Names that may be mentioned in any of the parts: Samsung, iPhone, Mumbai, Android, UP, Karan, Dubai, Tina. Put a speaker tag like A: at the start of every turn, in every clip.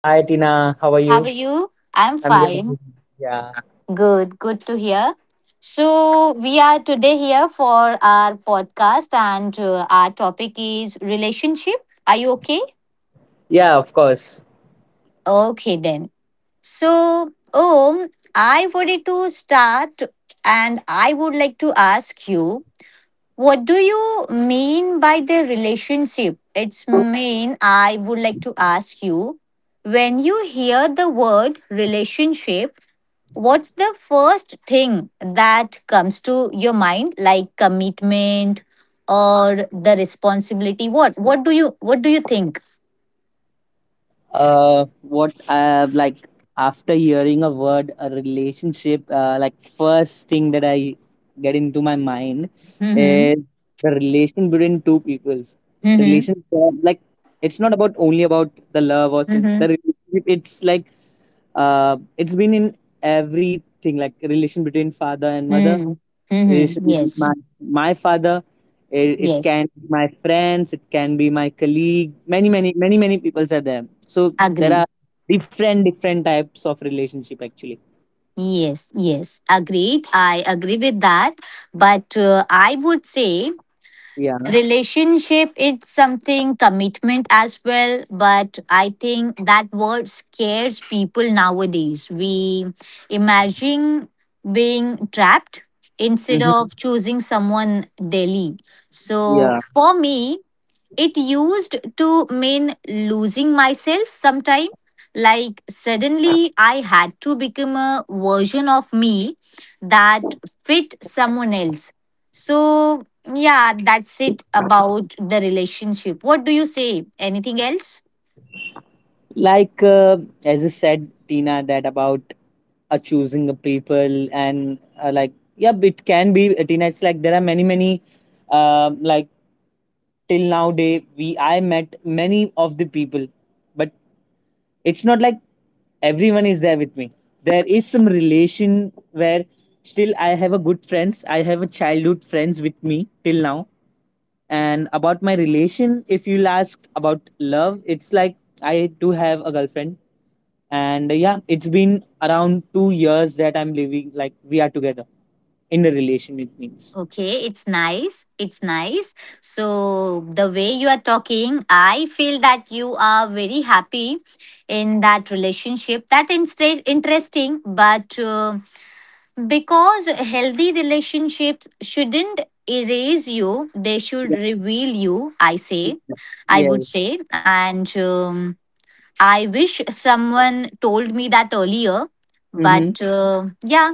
A: Hi Tina, how are
B: How are
A: you?
B: you? I'm
A: I'm good. I'm
B: fine.
A: good. Yeah.
B: Good. Good to hear. So, we are today here for our podcast, and our topic is relationship. Are you okay?
A: Yeah, of course.
B: Okay, then. So, Om, I wanted to start and I would like to ask you, what do you mean by the relationship? It's mean I would like to ask you, when you hear the word relationship, what's the first thing that comes to your mind? Like commitment or the responsibility? What do you think?
A: uh what like, after hearing a word a relationship, like first thing that I get into my mind
B: Mhm.
A: is the relation between two peoples.
B: Mhm.
A: Relation, like it's not about, only about the love or
B: Mhm.
A: the relationship, it's like it's been in everything, like relation between father and mother.
B: Mm.
A: It
B: Mhm.
A: should be
B: Yes.
A: my father. It can
B: Yes.
A: be my friends. It can be my colleague. Many many peoples are there. So there
B: Agree.
A: are different different types of relationship actually.
B: Yes. Yes. Agreed. I agree with that. But I would say
A: Yeah.
B: relationship it's something commitment as well, but I think that word scares people nowadays. We imagine being trapped instead of
A: Hmm.
B: choosing someone daily. So
A: Yeah.
B: for me it used to mean losing myself sometime. Like suddenly I had to become a version of me that fit someone else. So, yeah, that's it about the relationship. What do you say? Anything else?
A: Like, as you said, Tina, that about choosing a people and, like, yeah, it can be, Tina. It's like there are many like, till now day we I met many of the people, but it's not like everyone is there with me. There is some relation where still I have a good friends, I have a childhood friends with me till now. And about my relation, if you'll ask about love, it's like I do have a girlfriend, and yeah, it's been around 2 years that I'm living, like we are together in a relation, it means.
B: Okay, it's nice. It's nice. So, the way you are talking, I feel that you are very happy in that relationship. That is interesting, but. Because healthy relationships shouldn't erase you, they should
A: Yeah.
B: reveal you, I say. I would
A: Yes.
B: say. And I wish someone told me that earlier.
A: Mm-hmm.
B: But yeah,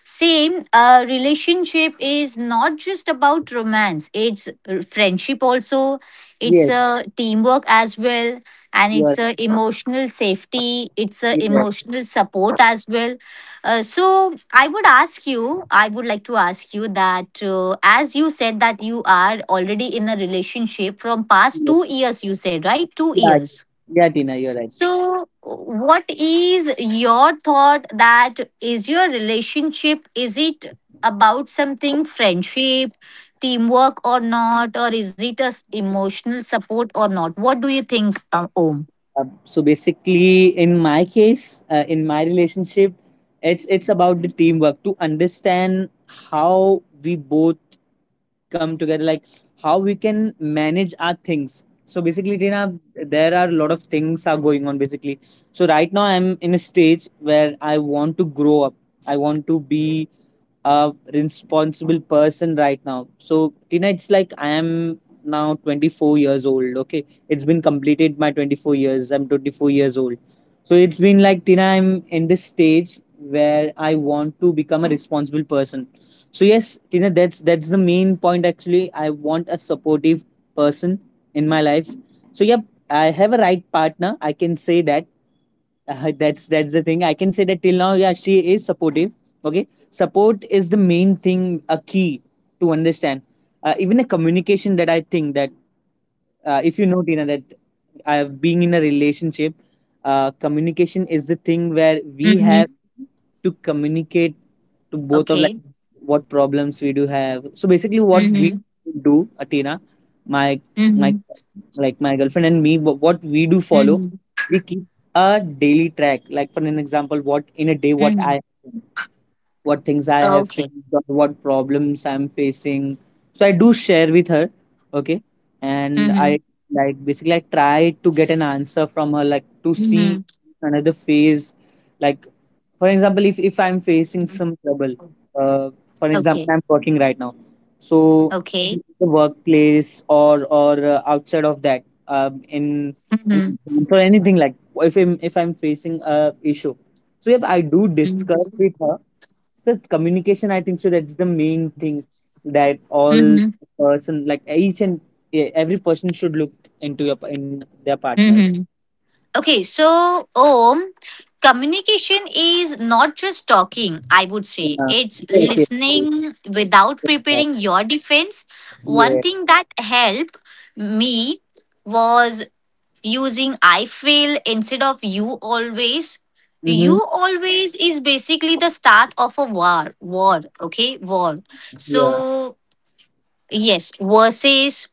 B: same, relationship is not just about romance. It's friendship also. It's
A: Yes.
B: a teamwork as well, and
A: you're
B: it's a emotional safety. It's a
A: Yes.
B: emotional support as well. So I would ask you. I would like to ask you that, as you said that you are already in a relationship from past
A: Yes.
B: 2 years. You said right, two
A: Yeah.
B: years.
A: Yeah, Tina, you're right.
B: So, what is your thought that, is your relationship, is it about something, friendship, teamwork, or not? Or is it as emotional support or not? What do you think, Om?
A: So basically, in my case, in my relationship, it's about the teamwork to understand how we both come together, like how we can manage our things. So basically, Tina, there are a lot of things are going on. Basically, so right now I'm in a stage where I want to grow up. I want to be a responsible person right now. So Tina, it's like I am now 24 years old. Okay, it's been completed my 24 years. I'm 24 years old. So it's been like, Tina, I'm in this stage where I want to become a responsible person. So yes, Tina, that's the main point actually. I want a supportive person in my life. So yep, I have a right partner. I can say that, that's the thing I can say, that till now, yeah, she is supportive. Okay, support is the main thing, a key to understand, even a communication, that I think that, if you know, Tina, that, being in a relationship, communication is the thing where we have
B: Mm-hmm.
A: to communicate to both of, like,
B: Okay.
A: what problems we do have. So basically, what we
B: Mm-hmm.
A: do, Athena, my my
B: Mm-hmm.
A: like, my girlfriend and me, what we do follow,
B: Mm-hmm.
A: we keep a daily track, like, for an example, what in a day,
B: Mm-hmm.
A: what things I have
B: Okay.
A: faced or what problems I'm facing. So I do share with her, okay, and I
B: Mm-hmm.
A: like, basically, I try to get an answer from her, like to see
B: Mm-hmm.
A: another phase. Like, for example, if I'm facing some trouble, uh, for
B: Okay.
A: example, I'm working right now, so
B: Okay.
A: in the workplace or outside of that, in in
B: Mm-hmm.
A: for anything, like, if I'm facing a issue, so yeah, I do discuss with her. So communication, I think so that's the main thing that all
B: Mm-hmm.
A: person, like each and, yeah, every person should look into your in their partners.
B: Mm-hmm. Okay, so Om, communication is not just talking, I would say.
A: Yeah.
B: It's
A: Yes, yes,
B: listening without preparing
A: yes.
B: your defense. One
A: Yeah.
B: thing that helped me was using I feel instead of you always.
A: Mm-hmm.
B: You always is basically the start of a war. War, okay? War.
A: Yeah.
B: So yes, versus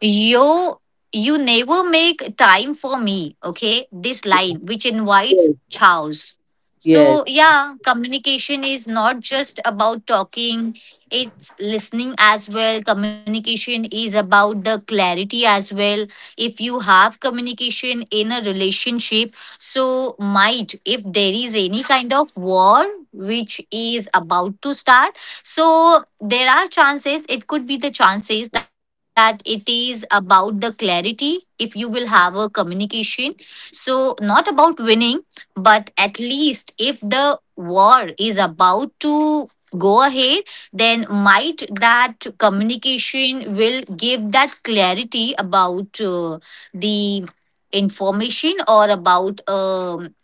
B: yo you never make time for me, okay? This
A: Yes.
B: line which invites chows.
A: Yes.
B: So yeah, communication is not just about talking, it's listening as well. Communication is about the clarity as well. If you have communication in a relationship, so might if there is any kind of war which is about to start, so there are chances, it could be the chances that it is about the clarity if you will have a communication. So not about winning, but at least if the war is about to go ahead, then might that communication will give that clarity about the information or about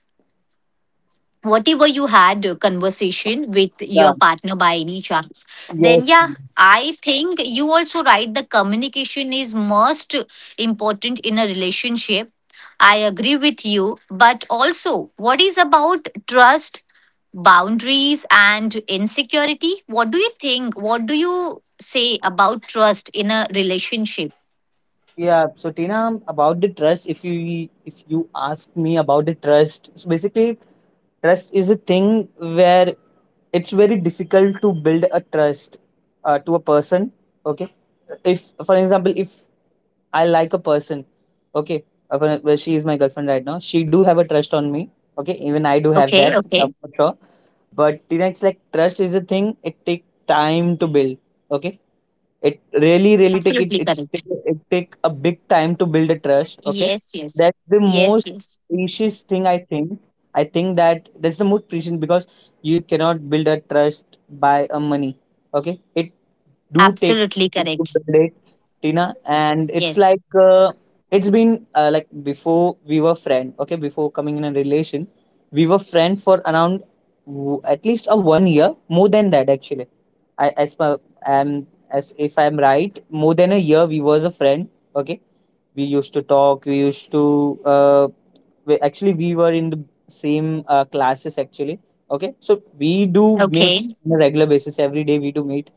B: whatever you had a conversation with
A: Yeah.
B: your partner by any chance, then
A: Yes.
B: yeah, I think you also right, the communication is most important in a relationship. I agree with you, but also what is about trust, boundaries and insecurity? What do you think? What do you say about trust in a relationship?
A: Yeah, so Tina, about the trust, if you ask me about the trust, so basically trust is a thing where it's very difficult to build a trust, to a person. Okay, if for example, if I like a person, okay, well, she is my girlfriend right now. She do have a trust on me. Okay, even I do have
B: Okay,
A: that,
B: okay.
A: for sure. But Tina, it's like trust is a thing. It take time to build. Okay, it really, really take it.
B: Absolutely correct.
A: It take a big time to build a trust. Okay,
B: Yes, yes.
A: that's the
B: Yes,
A: most
B: yes.
A: precious thing, I think. I think that that's the most precious because you cannot build a trust by a money. Okay, it do take
B: Absolutely
A: time to
B: correct.
A: build it, Tina. And it's
B: Yes.
A: like, it's been, like before we were friend. Okay, before coming in a relation, we were friend for around at least a one year, more than that actually. I As per, as if I'm right, more than a year we was a friend. Okay, we used to talk. We used to, actually, we were in the same, classes actually. Okay, so we do meet
B: Okay.
A: on a regular basis every day. We do meet,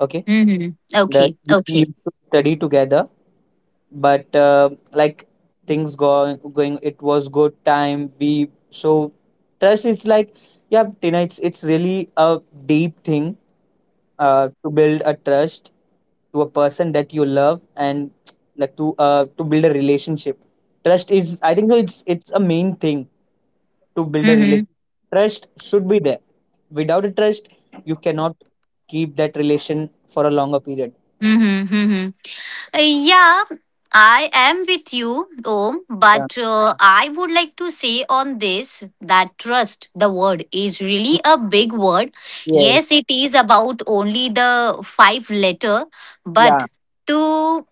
A: okay,
B: Mm-hmm.
A: that
B: Okay.
A: we
B: Okay.
A: used to study together. But, like, things go going, it was good time, we so trust is like, yeah, Tina, it's really a deep thing, to build a trust to a person that you love, and like to, to build a relationship, trust is, I think so, it's a main thing to build a
B: Mm-hmm.
A: relationship. Trust should be there. Without a trust, you cannot keep that relation for a longer period.
B: Mm-hmm. Mm-hmm. Yeah, I am with you, Om.
A: Yeah.
B: But I would like to say on this that trust, the word, is really a big word.
A: Yes,
B: Yes, it is about only the five letter,
A: yeah.
B: but to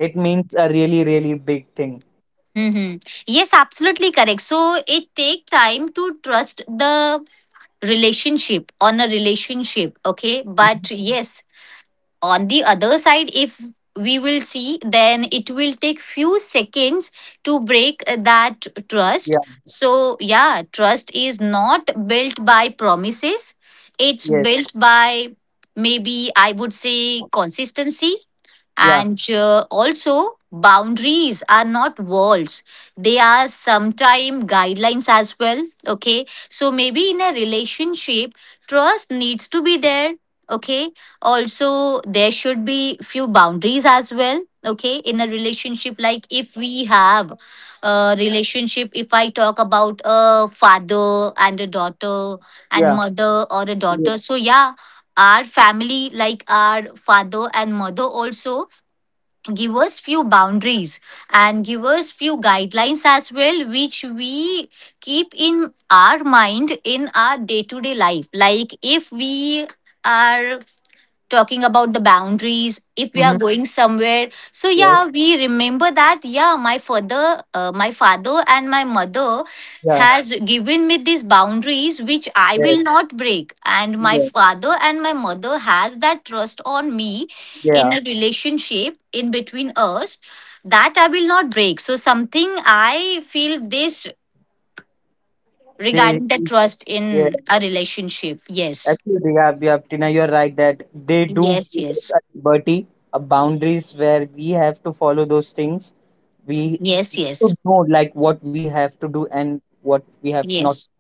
A: It means a really, really big thing.
B: hmm yes, absolutely correct. So it take time to trust the relationship on a relationship. Okay,
A: Mhm.
B: but yes, on the other side if we will see, then it will take few seconds to break that trust.
A: Yeah,
B: So yeah, trust is not built by promises, it's
A: yes,
B: built by, maybe I would say, consistency.
A: yeah,
B: And also, boundaries are not walls, they are sometimes guidelines as well. Okay, so maybe in a relationship, trust needs to be there. Okay, also, there should be few boundaries as well. Okay, in a relationship, like if we have a relationship, if I talk about a father and a daughter and
A: yeah,
B: mother or a
A: yeah.
B: daughter, so yeah, our family, like our father and mother also give us few boundaries and give us few guidelines as well, which we keep in our mind in our day to day life. Like if we are talking about the boundaries, if we are
A: Mm-hmm.
B: going somewhere, so
A: Yes,
B: yeah, we remember that, yeah, my father, my father and my mother
A: yeah,
B: has given me these boundaries, which I
A: yes,
B: will not break, and my
A: yes,
B: father and my mother has that trust on me in
A: yeah.
B: a relationship in between us, that I will not break. So something I feel this
A: They,
B: regarding the trust
A: Yeah,
B: in a relationship. Yes,
A: actually, yeah, yeah, Tina, you're right that they do
B: yes.
A: give
B: Yes,
A: us a liberty, a boundaries where we have to follow those things. We
B: yes. Yes,
A: should know like what we have to do and what we have not.
B: yes.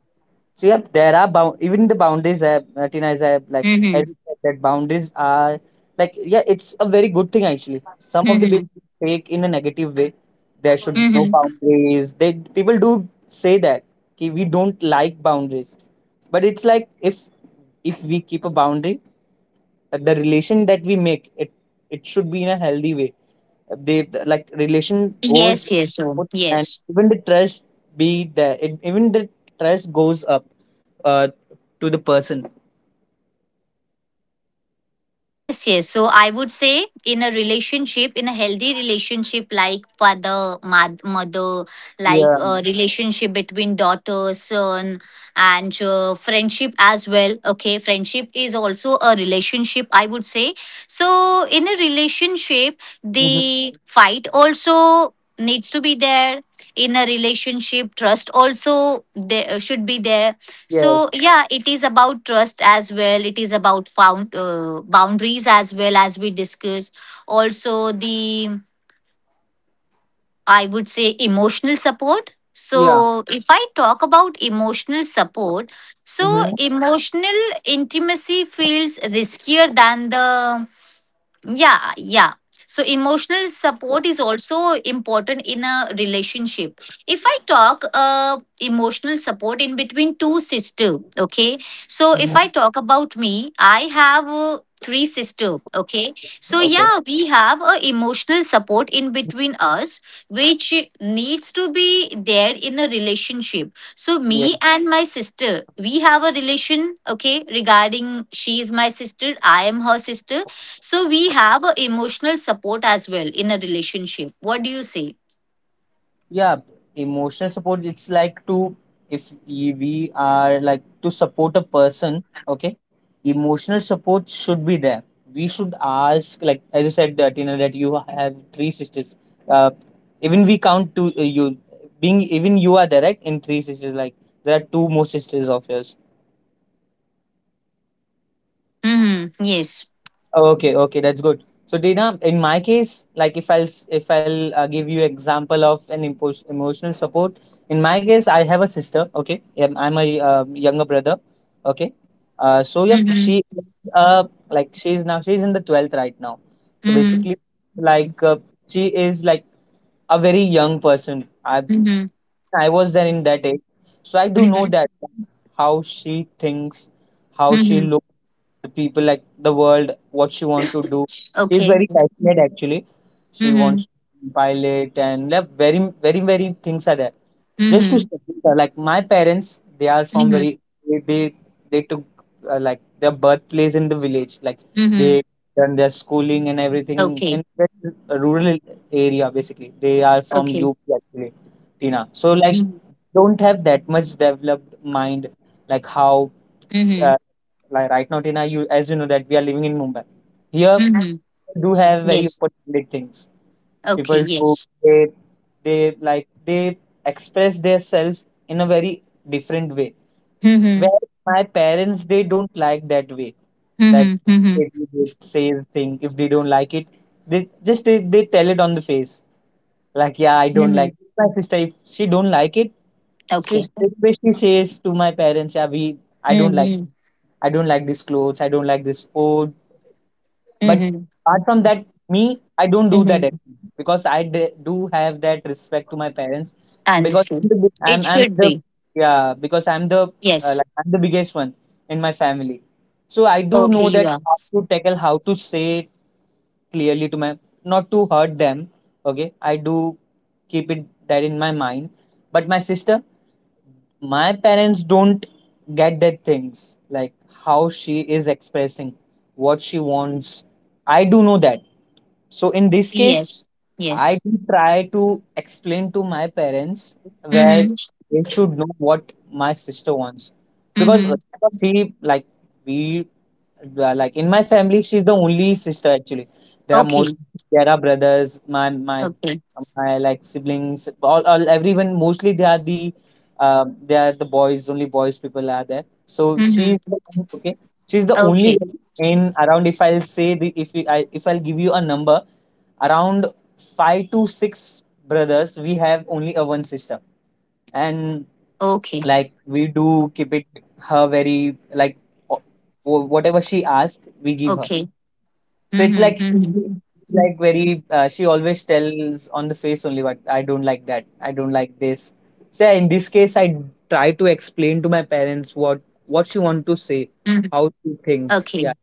A: So yep, there are bound even the boundaries. Tina, as I like as
B: Hmm.
A: you said, that boundaries are, like, yeah, it's a very good thing actually. Some of the people
B: Mm-hmm.
A: take in a negative way. There should be no
B: Mm-hmm.
A: boundaries. They People do say that ki we don't like boundaries, but it's like if we keep a boundary, the relation that we make it, should be in a healthy way. Like relation goes
B: Yes, yes, so
A: up, and
B: yes.
A: even the trust be there, even the trust goes up uh to the person.
B: Yes, yes. So I would say in a relationship, in a healthy relationship like father, mad- mother, like
A: Yeah.
B: a relationship between daughter, son, and friendship as well. Okay, friendship is also a relationship, I would say. So in a relationship,
A: Hmm.
B: the fight also needs to be there. In a relationship, trust also there should be there.
A: Yes.
B: So yeah, it is about trust as well. It is about found boundaries as well, as we discuss. Also the, I would say, emotional support.
A: Yeah.
B: So if I talk about emotional support, so
A: Hmm.
B: emotional intimacy feels riskier than the, yeah, yeah. So emotional support is also important in a relationship. If I talk emotional support in between two sisters, okay. So if I
A: Hmm.
B: talk about me, I have three sisters, okay. So
A: Okay.
B: yeah, we have a emotional support in between us, which needs to be there in a relationship. So
A: Yeah.
B: me and my sister, we have a relation, okay. Regarding she is my sister, I am her sister, so we have a emotional support as well in a relationship. What do you say?
A: Yeah, emotional support, it's like, to, if y- we are, like, to support a person, okay. Emotional support should be there. We should ask, like, as you said, that you know that you have three sisters, uh, even we count to, you being, even you are there right, in three sisters, like there are two more sisters of yours.
B: Mm-hmm. Yes.
A: Okay, okay, that's good. So, Dina, in my case, like if I'll, give you example of an emotional support. In my case, I have a sister. Okay, yeah, I'm a, younger brother. Okay, so yeah,
B: Mm-hmm.
A: she, uh like, she's in the 12th right now. So
B: Mm-hmm.
A: basically, like uh, she is like a very young person. I
B: Mm-hmm.
A: I was there in that age, so I do know
B: Mm-hmm.
A: that how she thinks, how she
B: Mm-hmm.
A: looks the people, like the world, what she want to do. She's
B: Okay.
A: very passionate actually. She
B: Mm-hmm.
A: wants to be pilot and, like, very very very things are there, just to
B: Mm-hmm.
A: support her. Like my parents, they are from
B: Mm-hmm.
A: very, they they, they took, like, their birthplace in the village, like
B: Mm-hmm.
A: they done their schooling and everything in
B: Okay.
A: very rural area. Basically, they are from
B: Okay.
A: UP actually, Tina, so like,
B: Mm-hmm.
A: don't have that much developed mind, like how,
B: Mm-hmm.
A: uh, like, right now, Tina, you, as you know that we are living in Mumbai. Here
B: Mm-hmm.
A: do have very
B: Yes.
A: open-minded things.
B: Okay.
A: People do,
B: Yes.
A: they, they express themselves in a very different way.
B: Mm-hmm.
A: Where my parents, they don't like that way. That
B: Mm-hmm. Mm-hmm.
A: if they say thing, if they don't like it, they just they tell it on the face. Like, yeah, I don't
B: Mm-hmm.
A: like it. My sister, if she don't like it, she
B: Okay.
A: straight away she says to my parents, yeah, we I don't like.
B: Mm-hmm.
A: I don't like this clothes, I don't like this food. But
B: Mm-hmm.
A: apart from that, me, I don't do that
B: Mm-hmm.
A: anymore because do have that respect to my parents, because
B: Understood. It
A: I'm
B: should
A: the,
B: be.
A: yeah, because I'm the,
B: Yes.
A: like, I'm the biggest one in my family, so I do
B: Okay.
A: know
B: You
A: that
B: are.
A: how to tackle, how to say it clearly to my, not to hurt them. Okay, I do keep it that in my mind. But my sister, my parents don't get that things, like how she is expressing what she wants, I do know that. So in this case
B: Yes.
A: I
B: Yes.
A: do try to explain to my parents where
B: Mm-hmm.
A: they should know what my sister wants, because
B: Mm-hmm.
A: we like we yeah, like in my family she's the only sister actually. there are most
B: Okay.
A: there are brothers. my my
B: Okay.
A: my like siblings, all everyone, mostly they are the boys, only boys people are there. So she's
B: Mm-hmm.
A: the one- okay. She's the only
B: Okay.
A: girl in around. If I'll say the- if I'll give you a number, around five to six brothers, we have only a one sister. And
B: Okay.
A: like we do keep it her very like, o- whatever she asks, we give her.
B: Okay.
A: So it's like
B: Mm-hmm. Mm-hmm.
A: like very she always tells on the face only what I don't like, that I don't like this. So yeah, in this case I try to explain to my parents what she want to say,
B: Mm-hmm.
A: how she thinks. Yeah.
B: Okay.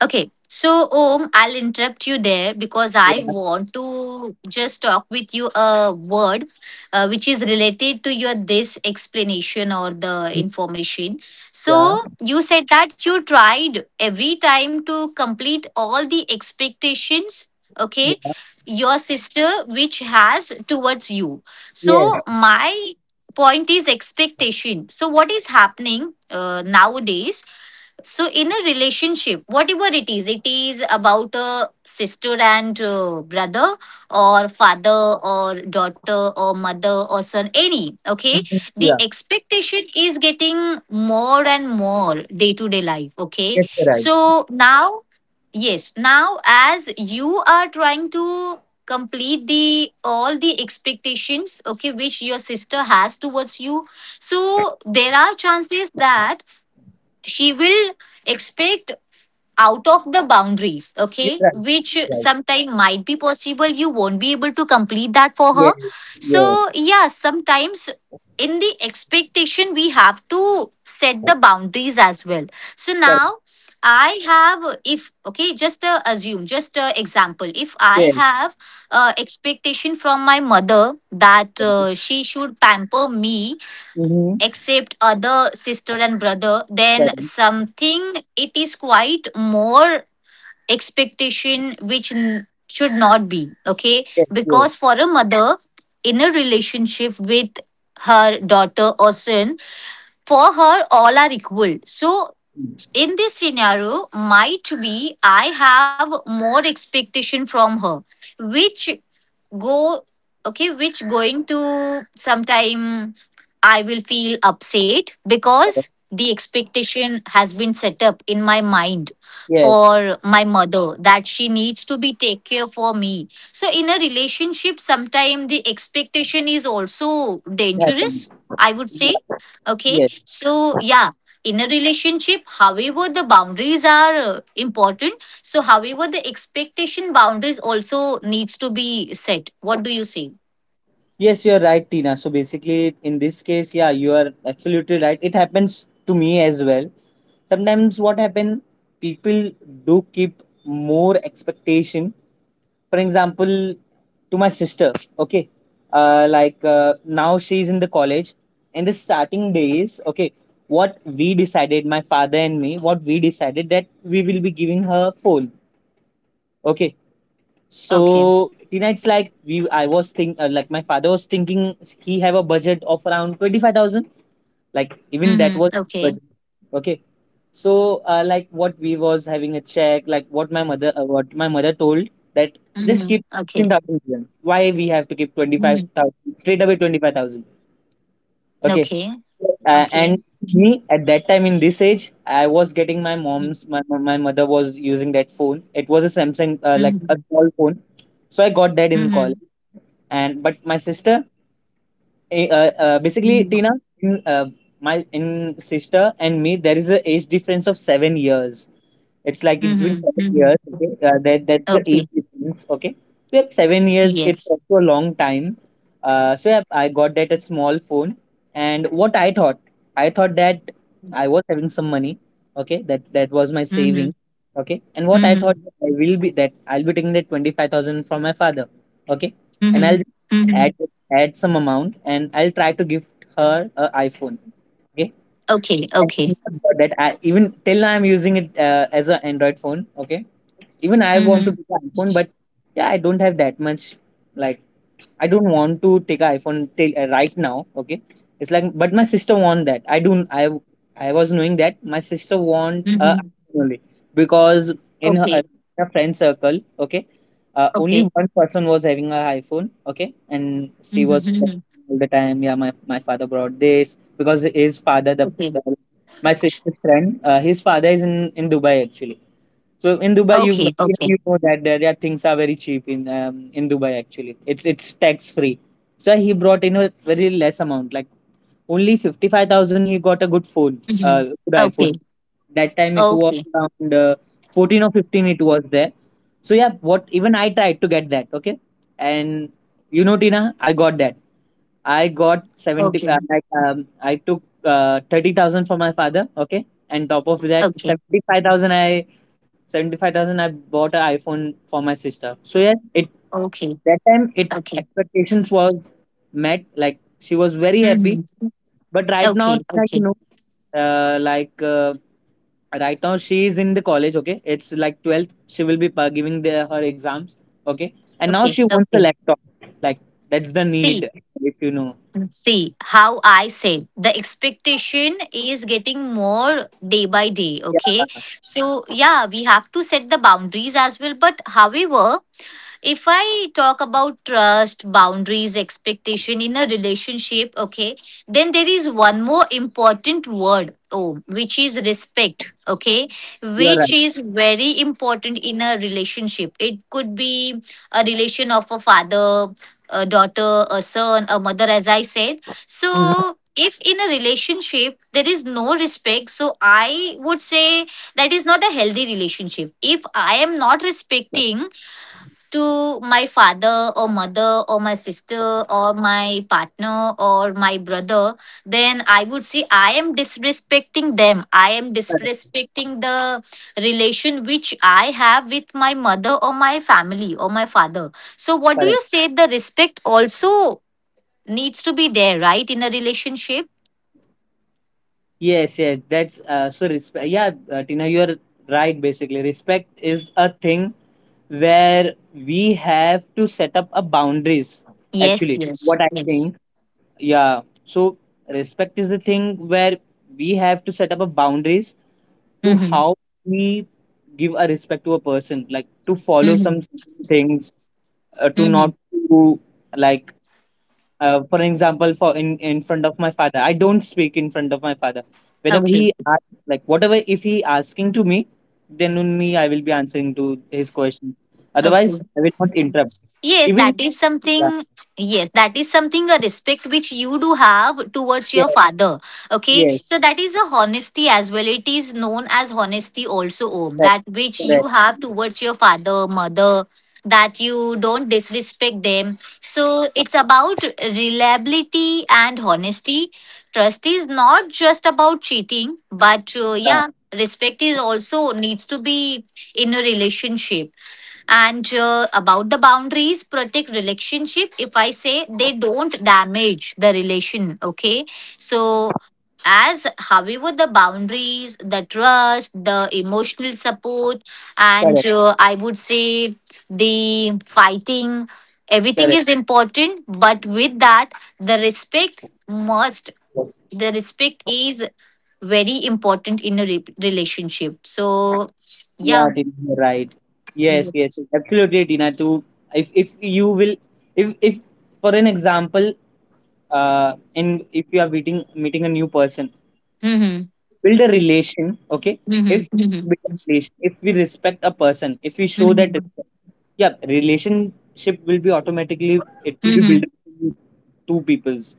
B: Okay, so Om, I'll interrupt you there because I
A: Yeah,
B: want to just talk with you a word which is related to your this explanation or the information.
A: yeah,
B: So you said that you tried every time to complete all the expectations, okay,
A: yeah.
B: your sister which has towards you.
A: Yes.
B: So my point is expectation. So what is happening nowadays? So, in a relationship, whatever it is about a sister and brother, or father, or daughter, or mother, or son, any, okay?
A: Mhm. Yeah.
B: The expectation is getting more and more day to day life, okay?
A: Yes, you're right.
B: So, now, yes, now as you are trying to complete the all the expectations, okay, which your sister has towards you, so there are chances that she will expect out of the boundary,
A: You're
B: okay,
A: right,
B: which
A: you're right.
B: sometime might be possible you won't be able to complete that for her.
A: Yes, yes,
B: So yeah, sometimes in the expectation we have to set the boundaries as well. So
A: correct.
B: now I have, if okay, just assume just example, if I
A: Yes,
B: have expectation from my mother that
A: correct.
B: she should pamper me
A: Mhm.
B: except other sister and brother, then
A: Correct.
B: something it is quite more expectation which n- should not be, okay,
A: Yes,
B: because for a mother in a relationship with her daughter or son, for her all are equal. So
A: yes.
B: in this scenario might be I have more expectation from her, which go, okay, which going to sometime I will feel upset because the expectation has been set up in my mind
A: Yes,
B: for my mother, that she needs to be take care for me. So in a relationship, sometimes the expectation is also
A: it happened.
B: dangerous, I would
A: Yeah,
B: say. Okay.
A: yes.
B: So yeah, in a relationship, however, the boundaries are important. So however, the expectation boundaries also needs to be set. What do you say?
A: Yes, you're right, Tina. So basically, in this case, yeah, you are absolutely right. It happens to me as well. Sometimes what happen, people do keep more expectation. For example, to my sister, okay, like now she's in the college. In the starting days, okay, what we decided, my father and me, what we decided that we will be giving her phone. Okay.
B: Okay.
A: So tonight's like we I was think like my father was thinking he have a budget of around 25,000. Like even that was,
B: Mm-hmm.
A: but
B: Okay.
A: okay. So like what we was having a check, like what my mother told, that just
B: Mm-hmm.
A: keep
B: Okay.
A: 15,000. Why we have to keep twenty five
B: Mhm.
A: thousand straight away 25,000? Okay.
B: Okay.
A: Uh,
B: Okay.
A: and me at that time in this age, I was getting my
B: Mhm.
A: mom's, my, my mother was using that phone. It was a Samsung, like a
B: Mhm.
A: small phone. So I got that in
B: Mhm.
A: college. And but my sister- basically, Tina, in, my- in sister and me, there is a age difference of 7 years. It's like it's been
B: Mhm.
A: seven
B: Mhm.
A: years. Okay, that's the
B: Okay.
A: age difference. Okay, yep, 7 years. It's
B: Yes.
A: also a long time. So yeah, I got that a small phone, and I thought that I was having some money. Okay, that was my saving.
B: Mhm.
A: Okay, and what I thought
B: Mhm.
A: that I will be that I'll be taking that 25,000 from my father. Okay, and I'll
B: Mhm.
A: just add
B: Mhm.
A: add some amount, and I'll try to gift her an iPhone. Okay.
B: Okay.
A: And
B: Okay.
A: not for that, I even till now I'm using it as an Android phone. Okay. Even I want to
B: Mhm.
A: do the iPhone, but yeah, I don't have that much, like I don't want to take an iPhone till right now. Okay, it's like, but my sister want that. I don't. I was knowing that my sister want
B: Mhm.
A: iPhone only, because in
B: Okay.
A: her friend circle, okay, only
B: Okay.
A: one person was having an iPhone. Okay, and she
B: Mhm.
A: was
B: Mhm.
A: complaining all the time. Yeah, my father brought this because his father-
B: Okay.
A: the my sister's friend, his father is in Dubai actually. So in Dubai, you
B: Okay. Okay.
A: you know that there things are very cheap in Dubai actually. It's tax free. So he brought in a very less amount, like only 55,000. He got a good phone,
B: Mhm.
A: good
B: Okay.
A: iPhone. That time it was
B: Okay.
A: around 14 or 15. It was there. So yeah, what even I tried to get that. Okay, and you know Tina, I got that. I got 70- like I took 30,000 from my father, okay, and top of that,
B: Okay.
A: 75,000 I bought an iPhone for my sister. So yes, it
B: Okay. Okay.
A: that time it
B: Okay.
A: expectations was met. Like she was very happy.
B: Mhm.
A: But right now,
B: Okay.
A: like,
B: Okay.
A: like right now she is in the college. Okay, it's like 12th. She will be pa- giving her exams. Okay, and now
B: Okay.
A: she wants a
B: Okay.
A: laptop. Like, that's the need,
B: See.
A: if you know.
B: See how I said the expectation is getting more day by day.
A: Yeah,
B: Okay. So, yeah, we have to set the boundaries as well. But, however, if I talk about trust, boundaries, expectation in a relationship, okay, then there is one more important word, oh, which is respect, okay,
A: you are right.
B: which is very important in a relationship. It could be a relation of a father, a daughter, a son, a mother, as I said.
A: Mhm.
B: So if in a relationship there is no respect, so I would say that is not a healthy relationship. If I am not respecting to my father or mother or my sister or my partner or my brother, then I would say I am disrespecting them. I am
A: Correct.
B: disrespecting the relation which I have with my mother or my family or my father. So what do
A: Correct.
B: you say? The respect also needs to be there, right, in a relationship?
A: Yes, yes, that's so respect. Yeah, Tina, you are right. Basically, respect is a thing where we have to set up a boundaries.
B: yes
A: Actually,
B: yes
A: what I
B: yes
A: think, yeah. So respect is the thing where we have to set up a boundaries, to
B: Mm-hmm.
A: how we give a respect to a person, like to follow
B: Mm-hmm.
A: some things, to
B: Mm-hmm.
A: not to, like for example, for in front of my father, I don't speak in front of my father. Whenever
B: Okay.
A: he ask, like whatever if he asking to me, then only I will be answering to his question. Otherwise,
B: Okay.
A: I will not interrupt.
B: Yes,
A: Even
B: that is
A: yeah,
B: something. Yes, that is something, a respect which you do have towards
A: yes,
B: your father. Okay,
A: yes,
B: so that is a honesty as well. It is known as honesty also, Om.
A: correct,
B: That which you
A: correct,
B: have towards your father, mother, that you don't disrespect them. So it's about reliability and honesty. Trust is not just about cheating, but
A: yeah,
B: yeah, respect is also needs to be in a relationship. And about the boundaries, protect relationship. If I say they don't damage the relation, okay. So as however the boundaries, the trust, the emotional support, and
A: correct,
B: I would say the fighting, everything
A: correct.
B: is important. But with that, the respect must.
A: Yes.
B: The respect is very important in a relationship. So yeah.
A: Yeah, Dina, you're right. Yes, yes,
B: Yes.
A: yes, absolutely, Dina. Too. If you will, if for an example, in- if you are meeting a new person,
B: Hmm.
A: build a relation, okay,
B: Mhm,
A: if
B: mhm,
A: build a relation. If we respect a person, if we show that
B: mhm,
A: respect, yeah, relationship will be automatically, it will be built
B: mhm,
A: between two peoples.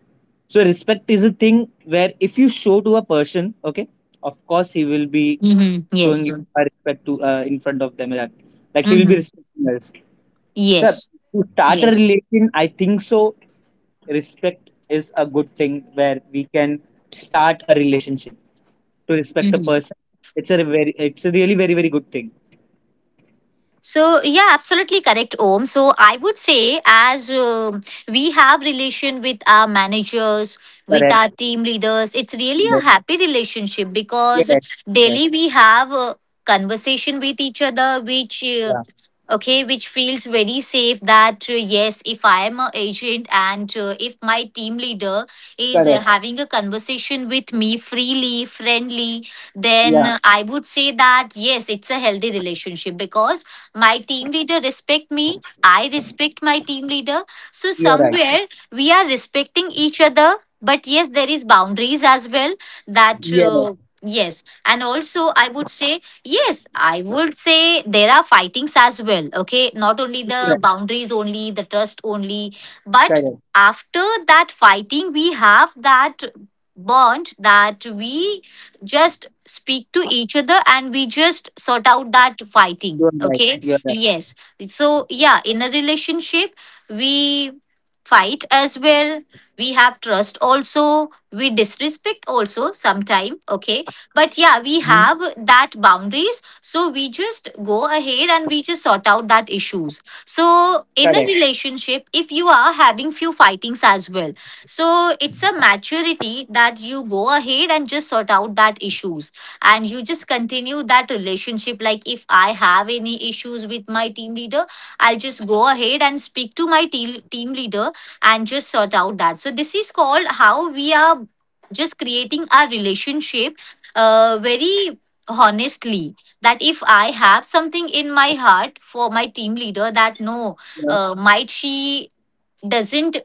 A: So respect is a thing where if you show to a person, okay, of course he will be
B: mhm.
A: showing
B: Yes.
A: you a respect to in front of them, like he will be
B: Mhm.
A: respecting us. Sir,
B: Yes.
A: to start a
B: Yes.
A: relation, I think so. Respect is a good thing where we can start a relationship. To respect a
B: Mhm.
A: person, it's a really very very good thing.
B: So yeah, absolutely correct, Om. So I would say, as we have relation with our managers, with
A: Correct.
B: our team leaders, it's really a
A: Yes.
B: happy relationship because
A: Yes. Yes.
B: daily we have a conversation with each other, which
A: Yeah.
B: okay, which feels very safe. That yes, if I am a agent and if my team leader is
A: Correct.
B: having a conversation with me freely, friendly, then
A: Yeah.
B: I would say that yes, it's a healthy relationship because my team leader respect me. I respect my team leader. So
A: You're right.
B: somewhere we are respecting each other. But yes, there is boundaries as well. That
A: Yes.
B: yes, and also I would say yes. I would say there are fightings as well. Okay, not only
A: You're
B: the
A: right.
B: boundaries, only the trust, only, but
A: Correct.
B: after that fighting, we have that bond that we just speak to each other and we just sort out that fighting,
A: You're right.
B: okay.
A: You're right.
B: Yes. So yeah, in a relationship, we fight as well. We have trust also. We disrespect also sometime, okay. But yeah, we
A: Hmm.
B: have that boundaries, so we just go ahead and we just sort out that issues. So in a
A: Correct.
B: relationship, if you are having few fightings as well, so it's a maturity that you go ahead and just sort out that issues, and you just continue that relationship. Like if I have any issues with my team leader, I'll just go ahead and speak to my team leader and just sort out that. So this is called how we are just creating our relationship very honestly, that if I have something in my heart for my team leader that no,
A: Yeah.
B: might she doesn't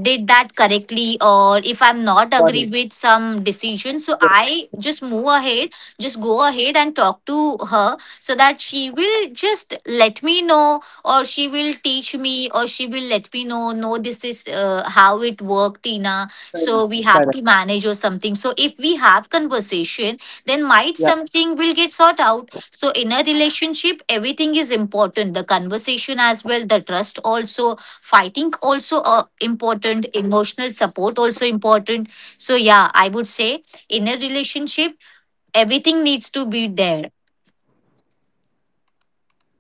B: did that correctly, or if I'm not
A: Got it.
B: agree with some decision, so
A: Yes.
B: I just move ahead, just go ahead and talk to her so that she will just let me know, or she will teach me, or she will let me know, no, this is how it worked, Tina.
A: Correct.
B: So we have
A: Correct.
B: to manage or something. So if we have conversation, then might
A: Yeah.
B: something will get sort out. So in a relationship, everything is important: the conversation as well, the trust also, fighting also, important, emotional support also important. So yeah, I would say in a relationship everything needs to be there.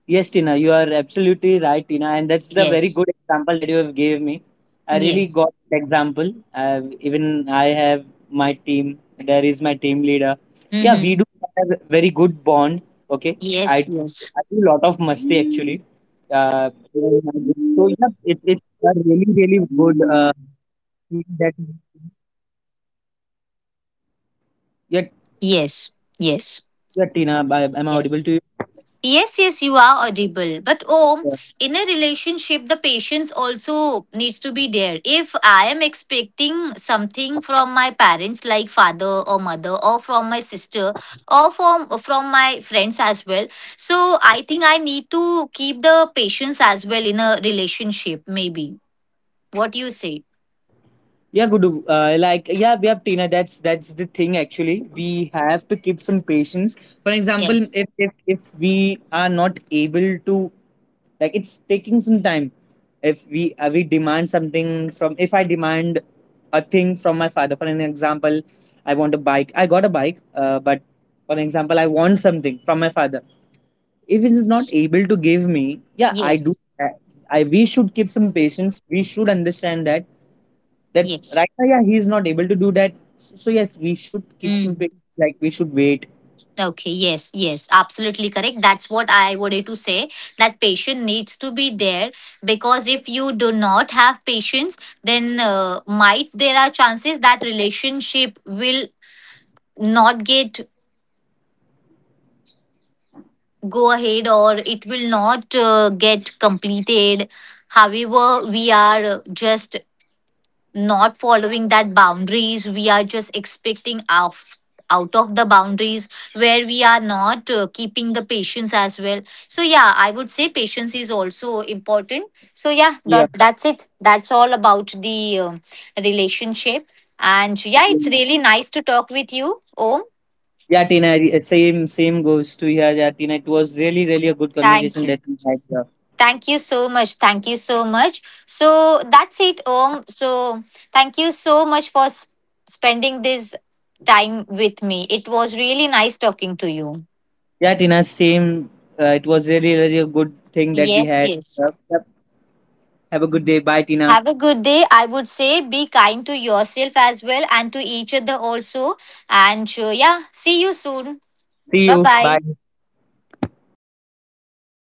A: Yes, Tina, you are absolutely right, Tina, and that's the very
B: Yes,
A: good example that you have gave me. I really
B: yes.
A: got the example. Even I have my team. There is my team leader. Yeah, we
B: Mm-hmm.
A: do have a very good bond. Okay, I
B: yes
A: do,
B: yes
A: I do a lot of masti actually. So yeah, it's a really really good thing that, yeah.
B: yes yes
A: Yeah Tina, am I audible
B: yes
A: to
B: Yes, yes, you are audible. But oh,
A: you?
B: in a relationship, the patience also needs to be there. If I am expecting something from my parents, like father or mother, or from my sister, or from my friends as well, so I think I need to keep the patience as well in a relationship. Maybe what do you say?
A: Yeah, Gudu. Yeah, yeah, Tina. That's the thing. Actually, we have to keep some patience. For example,
B: Yes,
A: if we are not able to, like, it's taking some time. If we we demand something from, if I demand a thing from my father. For an example, I want a bike. I got a bike, but for an example, I want something from my father. If he is not
B: yes,
A: able to give me, yeah, I do.
B: yes,
A: I we should keep some patience. We should understand that
B: yes.
A: right now, yeah, he's not able to do that. So yes, we should keep some
B: Mm.
A: pa- like, we should wait.
B: Okay, yes, yes, absolutely correct. That's what I wanted to say, that patience needs to be there, because if you do not have patience, then might there are chances that relationship will not get go ahead, or it will not get completed. However, we are just not following that boundaries. We are just expecting out, out of the boundaries, where we are not keeping the patience as well. So yeah, I would say patience is also important. So yeah,
A: Yeah,
B: that's it. That's all about the relationship. And yeah, it's
A: Karan.
B: really nice to talk with you, Om.
A: Yeah, Tina. I- Same, same goes to, yeah, yeah, Tina. It was really, really a good
B: Thank
A: conversation that
B: you.
A: we had. Yeah,
B: Thank you so much. Thank you so much. So that's it, Om. So thank you so much for spending this time with me. It was really nice talking to you.
A: yeah Tina. Same. It was really, really a good thing that we
B: Yes,
A: had.
B: yes.
A: Yep, yep. Have a good day. Bye, Tina.
B: Have a good day. I would say be kind to yourself as well and to each other also. And yeah, see you soon.
A: See
B: Bye
A: you. Bye.
B: bye.